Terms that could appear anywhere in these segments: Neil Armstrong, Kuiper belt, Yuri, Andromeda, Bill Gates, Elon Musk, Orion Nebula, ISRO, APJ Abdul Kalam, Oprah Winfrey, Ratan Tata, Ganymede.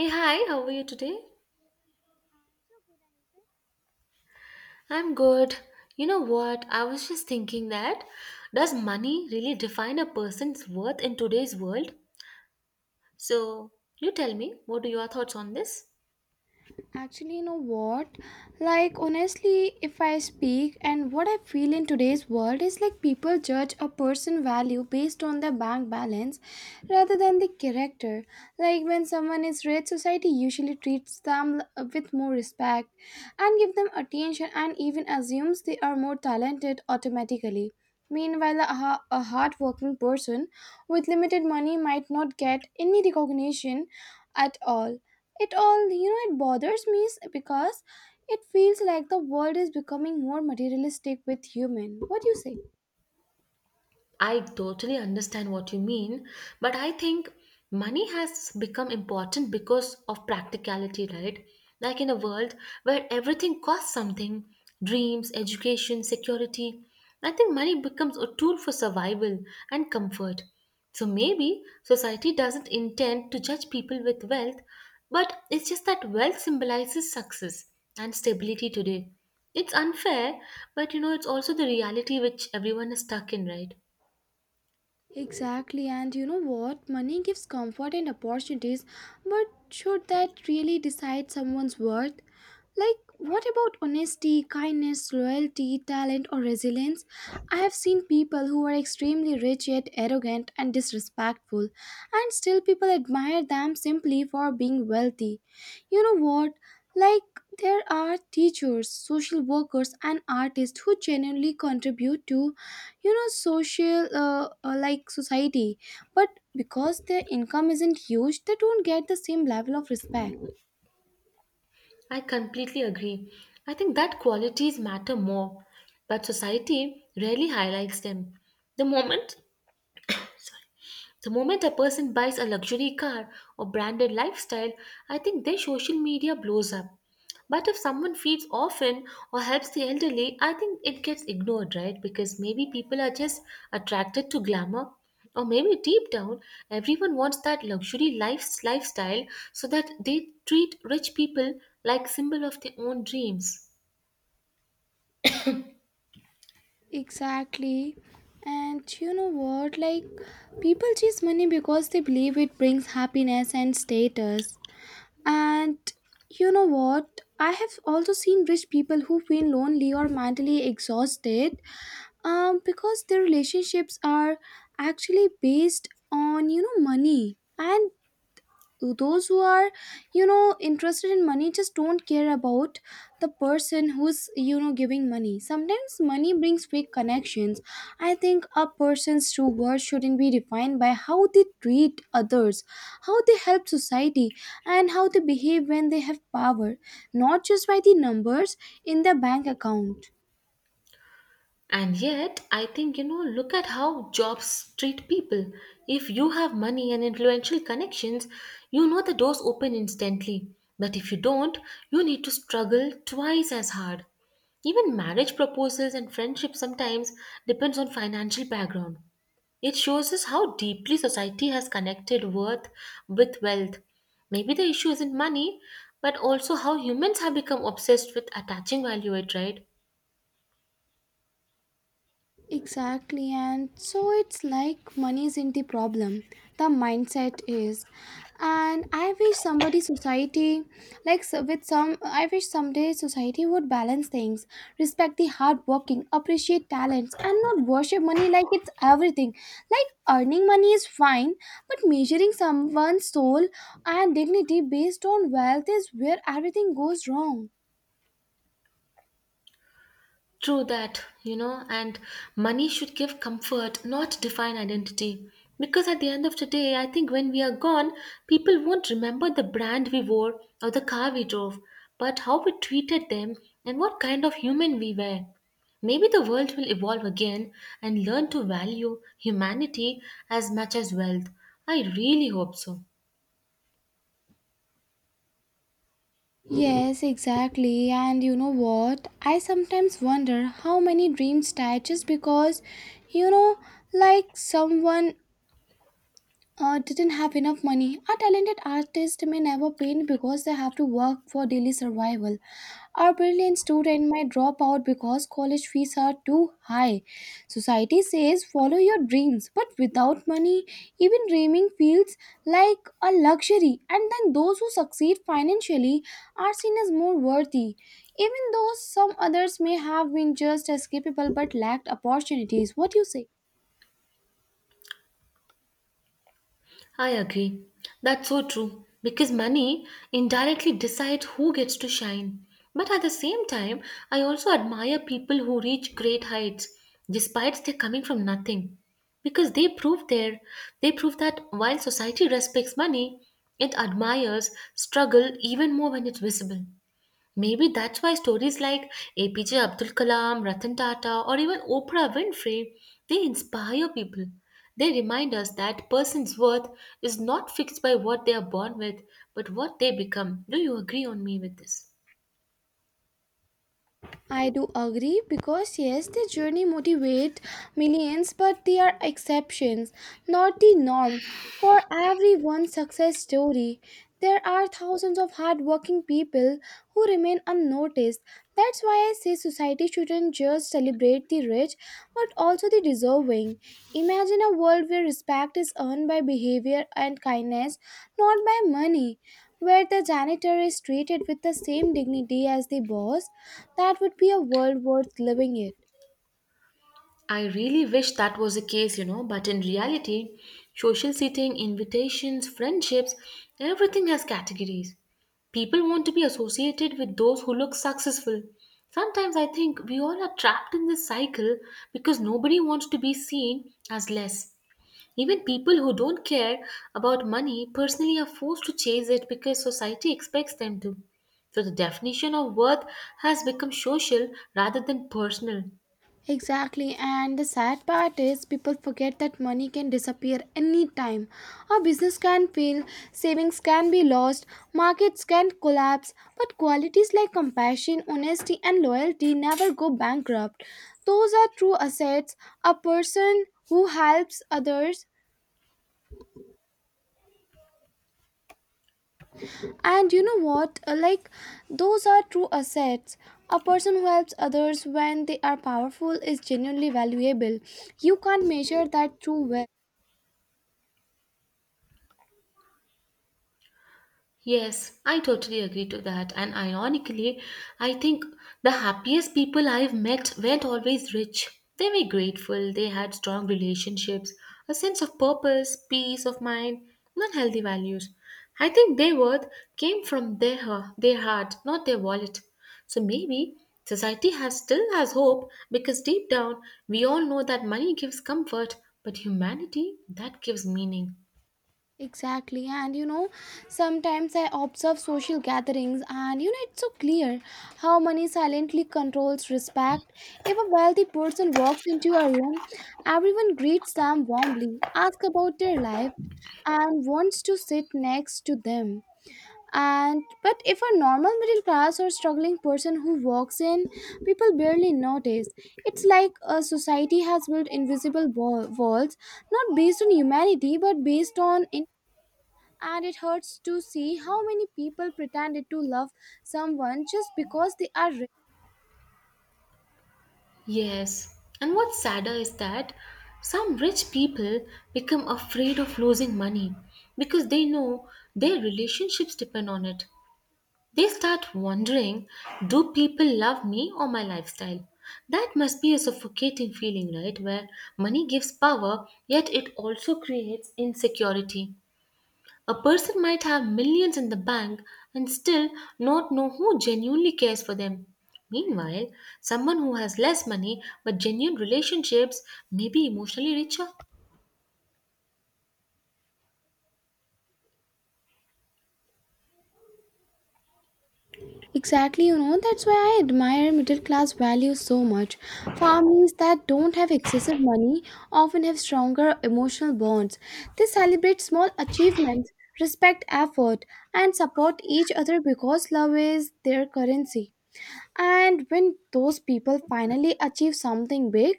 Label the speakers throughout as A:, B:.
A: Hey, hi, how are you today? I'm good. You know what? I was just thinking that does money really define a person's worth in today's world? So, you tell me, what are your thoughts on this?
B: Actually, you know what? Like, honestly, if I speak and what I feel in today's world is like people judge a person value based on their bank balance rather than the character. Like, when someone is rich, society usually treats them with more respect and give them attention and even assumes they are more talented automatically. Meanwhile, a hardworking person with limited money might not get any recognition at all. It all, you know, it bothers me is because it feels like the world is becoming more materialistic with human, what do you say?
A: I totally understand what you mean, but I think money has become important because of practicality, right? Like in a world where everything costs something dreams, education, security. I think money becomes a tool for survival and comfort. So maybe society doesn't intend to judge people with wealth, but it's just that wealth symbolizes success and stability today. It's unfair, but you know, it's also the reality which everyone is stuck in, right?
B: Exactly, and you know what? Money gives comfort and opportunities, but should that really decide someone's worth? Like, what about honesty, kindness, loyalty, talent, or resilience? I have seen people who are extremely rich yet arrogant and disrespectful, and still people admire them simply for being wealthy. You know what? Like, there are teachers, social workers, and artists who genuinely contribute to, you know, social like society, but because their income isn't huge, they don't get the same level of respect.
A: I completely agree. I think that qualities matter more, but society rarely highlights them. The moment the moment a person buys a luxury car or branded lifestyle, I think their social media blows up. But if someone feeds often or helps the elderly, I think it gets ignored, right? Because maybe people are just attracted to glamour. Or maybe deep down, everyone wants that luxury life, lifestyle so that they treat rich people like symbol of their own dreams.
B: Exactly, and you know what? Like, people chase money because they believe it brings happiness and status. And you know what? I have also seen rich people who feel lonely or mentally exhausted, because their relationships are actually based on, you know, money. And those who are, you know, interested in money just don't care about the person who's, you know, giving money. Sometimes money brings fake connections. I think a person's true worth shouldn't be defined by how they treat others, how they help society, and how they behave when they have power, not just by the numbers in their bank account.
A: And yet, I think, you know, look at how jobs treat people. If you have money and influential connections, you know the doors open instantly. But if you don't, you need to struggle twice as hard. Even marriage proposals and friendship sometimes depends on financial background. It shows us how deeply society has connected worth with wealth. Maybe the issue isn't money, but also how humans have become obsessed with attaching value it, right?
B: Exactly, and so it's like money isn't the problem, the mindset is. And I wish somebody society, I wish someday society would balance things, respect the hardworking, appreciate talents, and not worship money like it's everything. Like earning money is fine, but measuring someone's soul and dignity based on wealth is where everything goes wrong.
A: True that, you know, and money should give comfort, not define identity. Because at the end of the day, I think when we are gone, people won't remember the brand we wore or the car we drove, but how we treated them and what kind of human we were. Maybe the world will evolve again and learn to value humanity as much as wealth. I really hope so.
B: Yes, exactly. And you know what? I sometimes wonder how many dreams die just because, you know, like someone didn't have enough money. Our talented artists may never paint because they have to work for daily survival. Our brilliant student might drop out because college fees are too high. Society says follow your dreams, but without money, even dreaming feels like a luxury. And then those who succeed financially are seen as more worthy. Even though some others may have been just as capable but lacked opportunities. What do you say?
A: I agree. That's so true. Because money indirectly decides who gets to shine. But at the same time, I also admire people who reach great heights despite they're coming from nothing. Because they prove that while society respects money, it admires struggle even more when it's visible. Maybe that's why stories like APJ Abdul Kalam, Ratan Tata, or even Oprah Winfrey, they inspire people. They remind us that person's worth is not fixed by what they are born with, but what they become. Do you agree on me with this?
B: I do agree because yes, the journey motivate millions, but they are exceptions, not the norm. For every one success story, there are thousands of hardworking people who remain unnoticed. That's why I say society shouldn't just celebrate the rich, but also the deserving. Imagine a world where respect is earned by behavior and kindness, not by money. Where the janitor is treated with the same dignity as the boss, that would be a world worth living in.
A: I really wish that was the case, you know, but in reality, social seating, invitations, friendships, everything has categories. People want to be associated with those who look successful. Sometimes I think we all are trapped in this cycle because nobody wants to be seen as less. Even people who don't care about money personally are forced to chase it because society expects them to. So the definition of worth has become social rather than personal.
B: Exactly, and the sad part is people forget that money can disappear anytime. Our business can fail, savings can be lost, markets can collapse, but qualities like compassion, honesty, and loyalty never go bankrupt. Those are true assets. A person who helps others. And you know what? Like, those are true assets. A person who helps others when they are powerful is genuinely valuable. You can't measure that through wealth.
A: Yes, I totally agree to that. And ironically, I think the happiest people I've met weren't always rich. They were grateful, they had strong relationships, a sense of purpose, peace of mind, and healthy values. I think their worth came from their heart, not their wallet. So maybe society has still has hope because deep down we all know that money gives comfort, but humanity that gives meaning.
B: Exactly. And you know, sometimes I observe social gatherings, and you know, it's so clear how money silently controls respect. If a wealthy person walks into a room, everyone greets them warmly, asks about their life, and wants to sit next to them. And but if a normal middle class or struggling person who walks in, people barely notice. It's like a society has built invisible walls, not based on humanity but based on in- And it hurts to see how many people pretended to love someone just because they are.
A: Yes, and what's sadder is that some rich people become afraid of losing money because they know their relationships depend on it. They start wondering do people love me or my lifestyle? That must be a suffocating feeling, right? Where money gives power, yet it also creates insecurity. A person might have millions in the bank and still not know who genuinely cares for them. Meanwhile, someone who has less money but genuine relationships may be emotionally richer.
B: Exactly, you know, that's why I admire middle class values so much. Families that don't have excessive money often have stronger emotional bonds. They celebrate small achievements, respect effort, and support each other because love is their currency. And when those people finally achieve something big,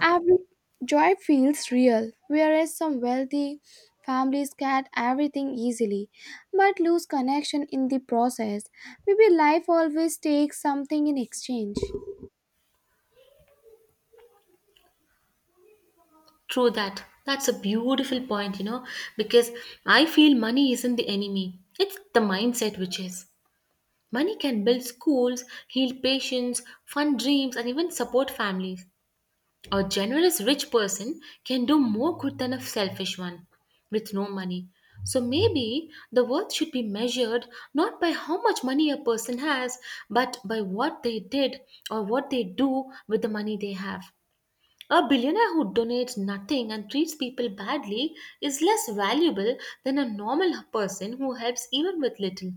B: every joy feels real, whereas some wealthy families get everything easily but lose connection in the process. Maybe life always takes something in exchange.
A: True that. That's a beautiful point, you know, because I feel money isn't the enemy, it's the mindset which is. Money can build schools, heal patients, fund dreams, and even support families. A generous rich person can do more good than a selfish one with no money. So maybe the worth should be measured not by how much money a person has, but by what they did or what they do with the money they have. A billionaire who donates nothing and treats people badly is less valuable than a normal person who helps even with little.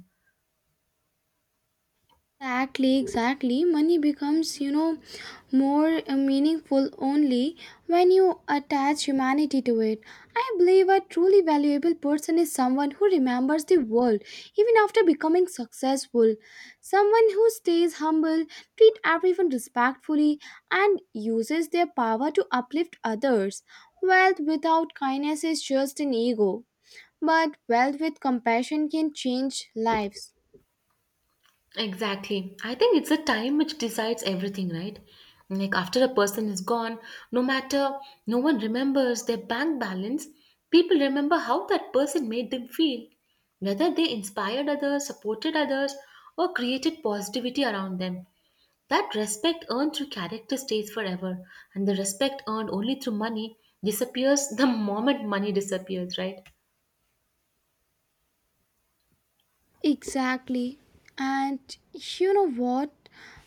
B: Exactly, exactly. Money becomes, you know, more meaningful only when you attach humanity to it. I believe a truly valuable person is someone who remembers the world even after becoming successful, someone who stays humble, treat everyone respectfully, and uses their power to uplift others. Wealth without kindness is just an ego, but wealth with compassion can change lives.
A: Exactly. I think it's the time which decides everything, right? Like after a person is gone, no matter no one remembers their bank balance, people remember how that person made them feel, whether they inspired others, supported others, or created positivity around them. That respect earned through character stays forever, and the respect earned only through money disappears the moment money disappears, right?
B: Exactly. And you know what?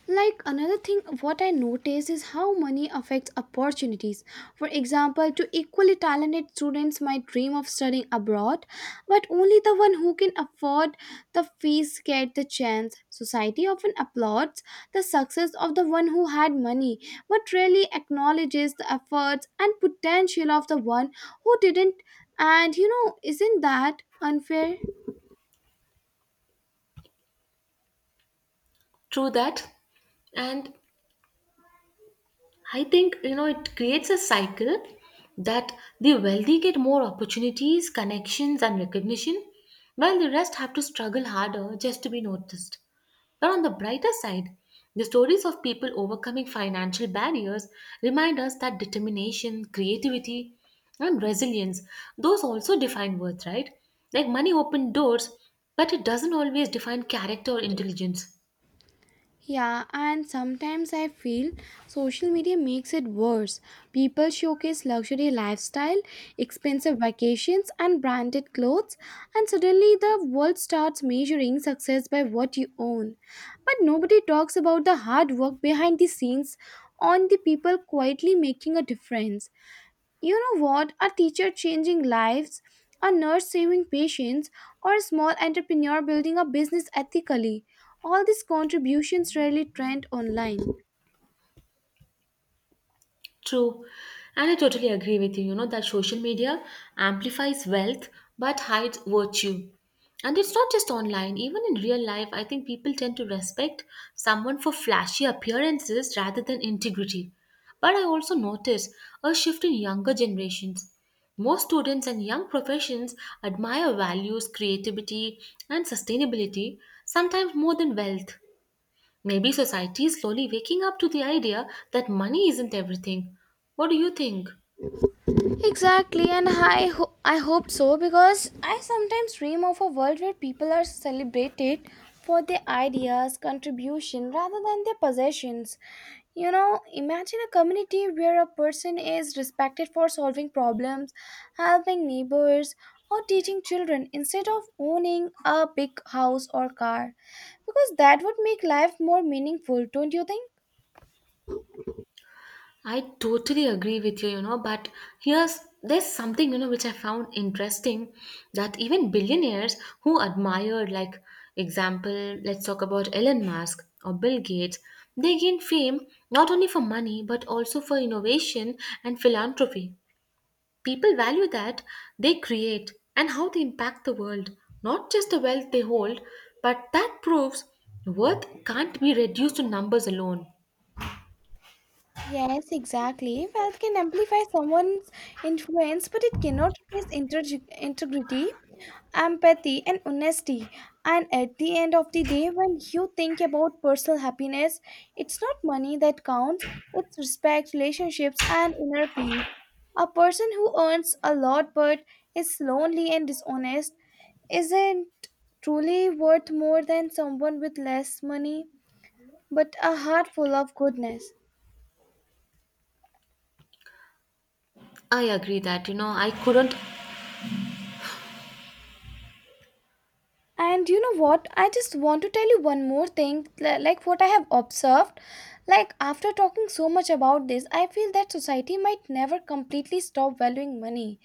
B: Like another thing, what I noticed is how money affects opportunities. For example, two equally talented students might dream of studying abroad, but only the one who can afford the fees get the chance. Society often applauds the success of the one who had money, but rarely acknowledges the efforts and potential of the one who didn't. And you know, isn't that unfair?
A: True that. And I think you know it creates a cycle that the wealthy get more opportunities, connections, and recognition, while the rest have to struggle harder just to be noticed. But on the brighter side, the stories of people overcoming financial barriers remind us that determination, creativity, and resilience, those also define worth, right? Like money opened doors, but it doesn't always define character or intelligence.
B: Yeah, and sometimes I feel social media makes it worse. People showcase luxury lifestyle, expensive vacations, and branded clothes, and suddenly the world starts measuring success by what you own. But nobody talks about the hard work behind the scenes on the people quietly making a difference. You know what? A teacher changing lives, a nurse saving patients, or a small entrepreneur building a business ethically. All these contributions rarely trend online.
A: True. And I totally agree with you, you know, that social media amplifies wealth but hides virtue. And it's not just online, even in real life, I think people tend to respect someone for flashy appearances rather than integrity. But I also notice a shift in younger generations. Most students and young professions admire values, creativity, and sustainability, sometimes more than wealth. Maybe society is slowly waking up to the idea that money isn't everything. What do you think?
B: Exactly, and I hope so because I sometimes dream of a world where people are celebrated for their ideas, contribution rather than their possessions. You know, imagine a community where a person is respected for solving problems, helping neighbors, or teaching children instead of owning a big house or car. Because that would make life more meaningful, don't you think?
A: I totally agree with you, you know, but here's there's something, you know, which I found interesting that even billionaires who admire, like example, let's talk about Elon Musk or Bill Gates, they gain fame not only for money but also for innovation and philanthropy. People value that they create and how they impact the world, not just the wealth they hold, but that proves worth can't be reduced to numbers alone.
B: Yes, exactly. Wealth can amplify someone's influence, but it cannot replace integrity, empathy, and honesty. And at the end of the day, when you think about personal happiness, it's not money that counts, it's respect, relationships, and inner peace. A person who earns a lot but is lonely and dishonest isn't truly worth more than someone with less money but a heart full of goodness.
A: I agree that, you know, I couldn't.
B: And you know what? I just want to tell you one more thing, like what I have observed. Like, after talking so much about this, I feel that society might never completely stop valuing money.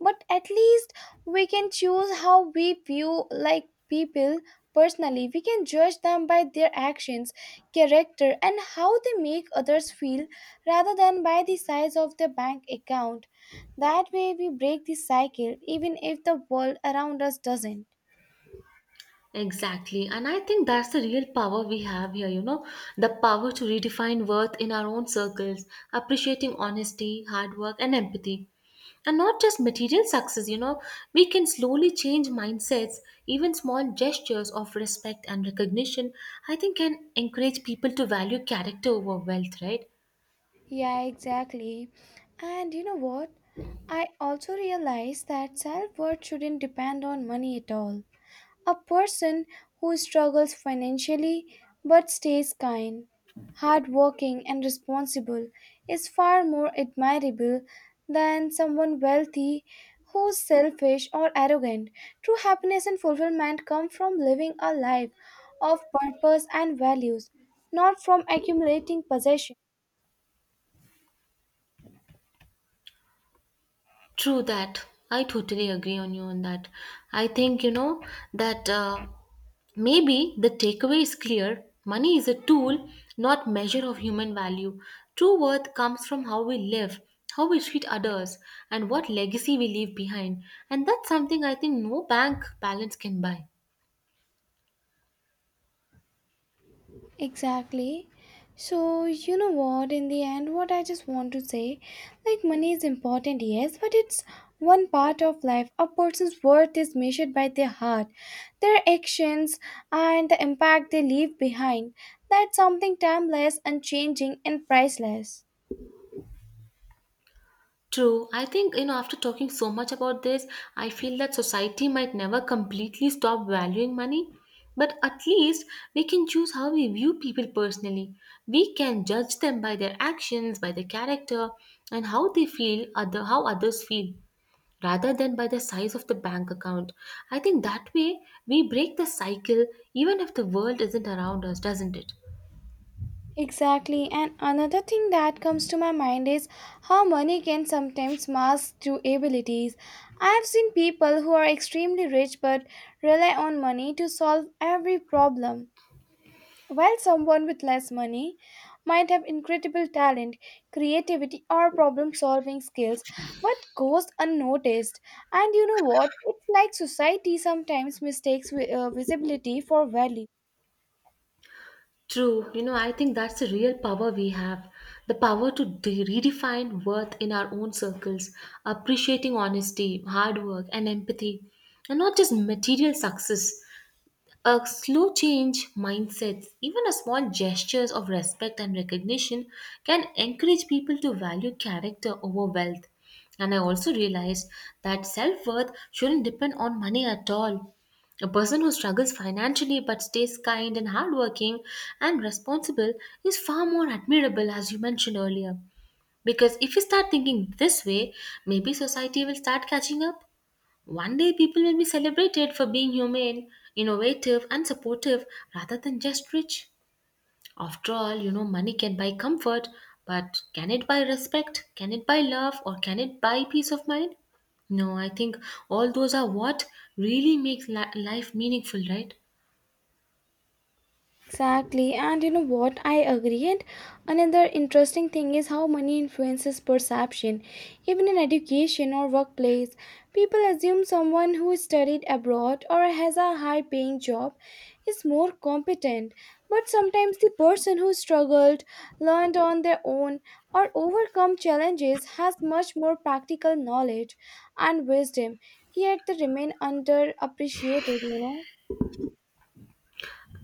B: But at least we can choose how we view, like, people personally. We can judge them by their actions, character, and how they make others feel rather than by the size of their bank account. That way, we break the cycle, even if the world around us doesn't.
A: Exactly. And I think that's the real power we have here, you know, the power to redefine worth in our own circles, appreciating honesty, hard work, and empathy. And not just material success, you know, we can slowly change mindsets, even small gestures of respect and recognition, I think can encourage people to value character over wealth, right?
B: Yeah, exactly. And you know what? I also realized that self worth shouldn't depend on money at all. A person who struggles financially but stays kind, hardworking, and responsible is far more admirable than someone wealthy who's selfish or arrogant. True happiness and fulfillment come from living a life of purpose and values, not from accumulating possessions.
A: True that. I totally agree on you on that. I think, you know, that maybe the takeaway is clear. Money is a tool, not measure of human value. True worth comes from how we live, how we treat others, and what legacy we leave behind. And that's something I think no bank balance can buy.
B: Exactly. So, you know what, in the end, what I just want to say like, money is important, yes, but it's one part of life. A person's worth is measured by their heart, their actions, and the impact they leave behind. That's something timeless, unchanging, and priceless.
A: True. I think, you know, after talking so much about this, I feel that society might never completely stop valuing money, but at least we can choose how we view people personally. We can judge them by their actions, by their character, and how they feel, other how others feel, rather than by the size of the bank account. I think that way we break the cycle even if the world isn't around us, doesn't it?
B: Exactly, and another thing that comes to my mind is how money can sometimes mask true abilities. I've seen people who are extremely rich but rely on money to solve every problem, while someone with less money might have incredible talent, creativity, or problem solving skills but goes unnoticed. And you know what? It's like society sometimes mistakes visibility for value.
A: True. You know, I think that's the real power we have the power to redefine worth in our own circles, appreciating honesty, hard work, and empathy, and not just material success. A slow change mindsets, even a small gestures of respect and recognition can encourage people to value character over wealth. And I also realized that self worth shouldn't depend on money at all. A person who struggles financially but stays kind and hardworking and responsible is far more admirable, as you mentioned earlier. Because if we start thinking this way, maybe society will start catching up. One day, people will be celebrated for being humane, innovative, and supportive rather than just rich. After all, you know, money can buy comfort, but can it buy respect? Can it buy love? Or can it buy peace of mind? No, I think all those are what really makes life meaningful, right?
B: Exactly, and you know what? I agree. And another interesting thing is how money influences perception. Even in education or workplace, people assume someone who studied abroad or has a high paying job is more competent. But sometimes the person who struggled, learned on their own, or overcome challenges has much more practical knowledge and wisdom, yet they remain underappreciated, you know.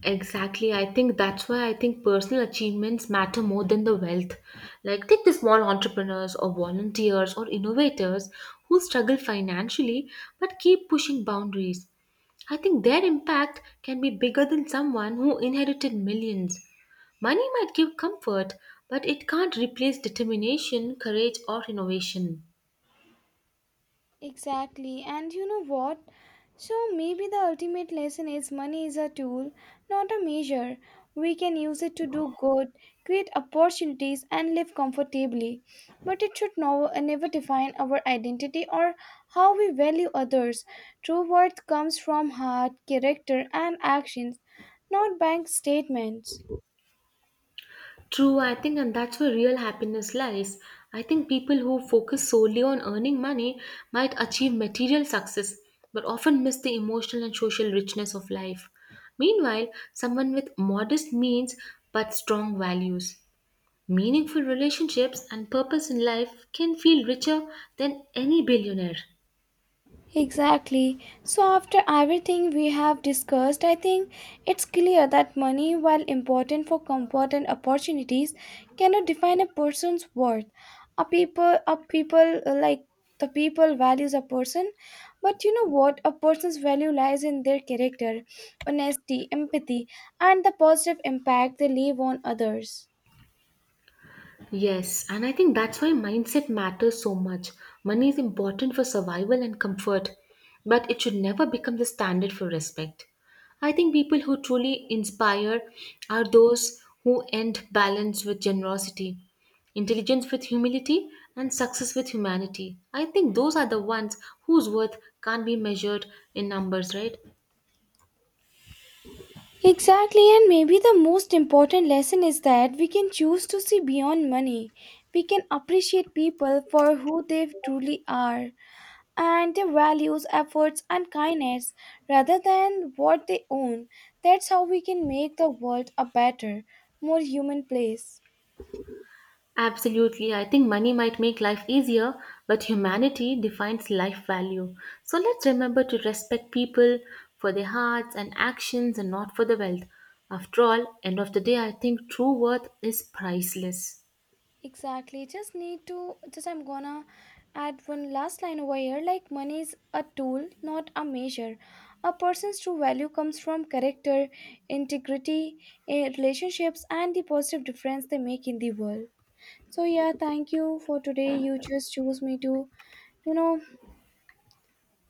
A: Exactly. I think that's why I think personal achievements matter more than the wealth. Like, take the small entrepreneurs or volunteers or innovators who struggle financially but keep pushing boundaries. I think their impact can be bigger than someone who inherited millions. Money might give comfort, but it can't replace determination, courage, or innovation.
B: Exactly. And you know what? So maybe the ultimate lesson is money is a tool, not a measure. We can use it to do good, create opportunities, and live comfortably. But it should no, never define our identity or how we value others. True worth comes from heart, character, and actions, not bank statements.
A: True, I think, and that's where real happiness lies. I think people who focus solely on earning money might achieve material success, but often miss the emotional and social richness of life. Meanwhile, someone with modest means but strong values, meaningful relationships, and purpose in life can feel richer than any billionaire.
B: Exactly. So, after everything we have discussed, I think it's clear that money, while important for comfort and opportunities, cannot define a person's worth. A people like the people values a person, but you know what? A person's value lies in their character, honesty, empathy, and the positive impact they leave on others.
A: Yes, and I think that's why mindset matters so much. Money is important for survival and comfort, but it should never become the standard for respect. I think people who truly inspire are those who end balance with generosity, intelligence with humility, and success with humanity. I think those are the ones whose worth can't be measured in numbers, right?
B: Exactly, and maybe the most important lesson is that we can choose to see beyond money. We can appreciate people for who they truly are and their values, efforts, and kindness rather than what they own. That's how we can make the world a better, more human place.
A: Absolutely. I think money might make life easier, but humanity defines life value. So let's remember to respect people for their hearts and actions and not for the wealth. After all, end of the day, I think true worth is priceless.
B: Exactly. Just need to, just I'm gonna add one last line over here. Like, money is a tool, not a measure. A person's true value comes from character, integrity, relationships, and the positive difference they make in the world. So, yeah, thank you for today. You just choose me to, you know,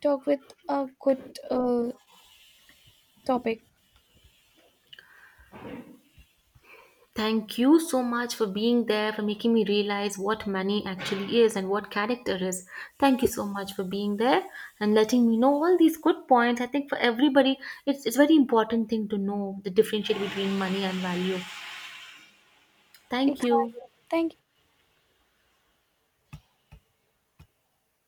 B: talk with a good uh, topic.
A: Thank you so much for being there, for making me realize what money actually is and what character is. Thank you so much for being there and letting me know all these good points. I think for everybody, it's very important thing to know the differentiate between money and value. Thank you.
B: Exactly. Thank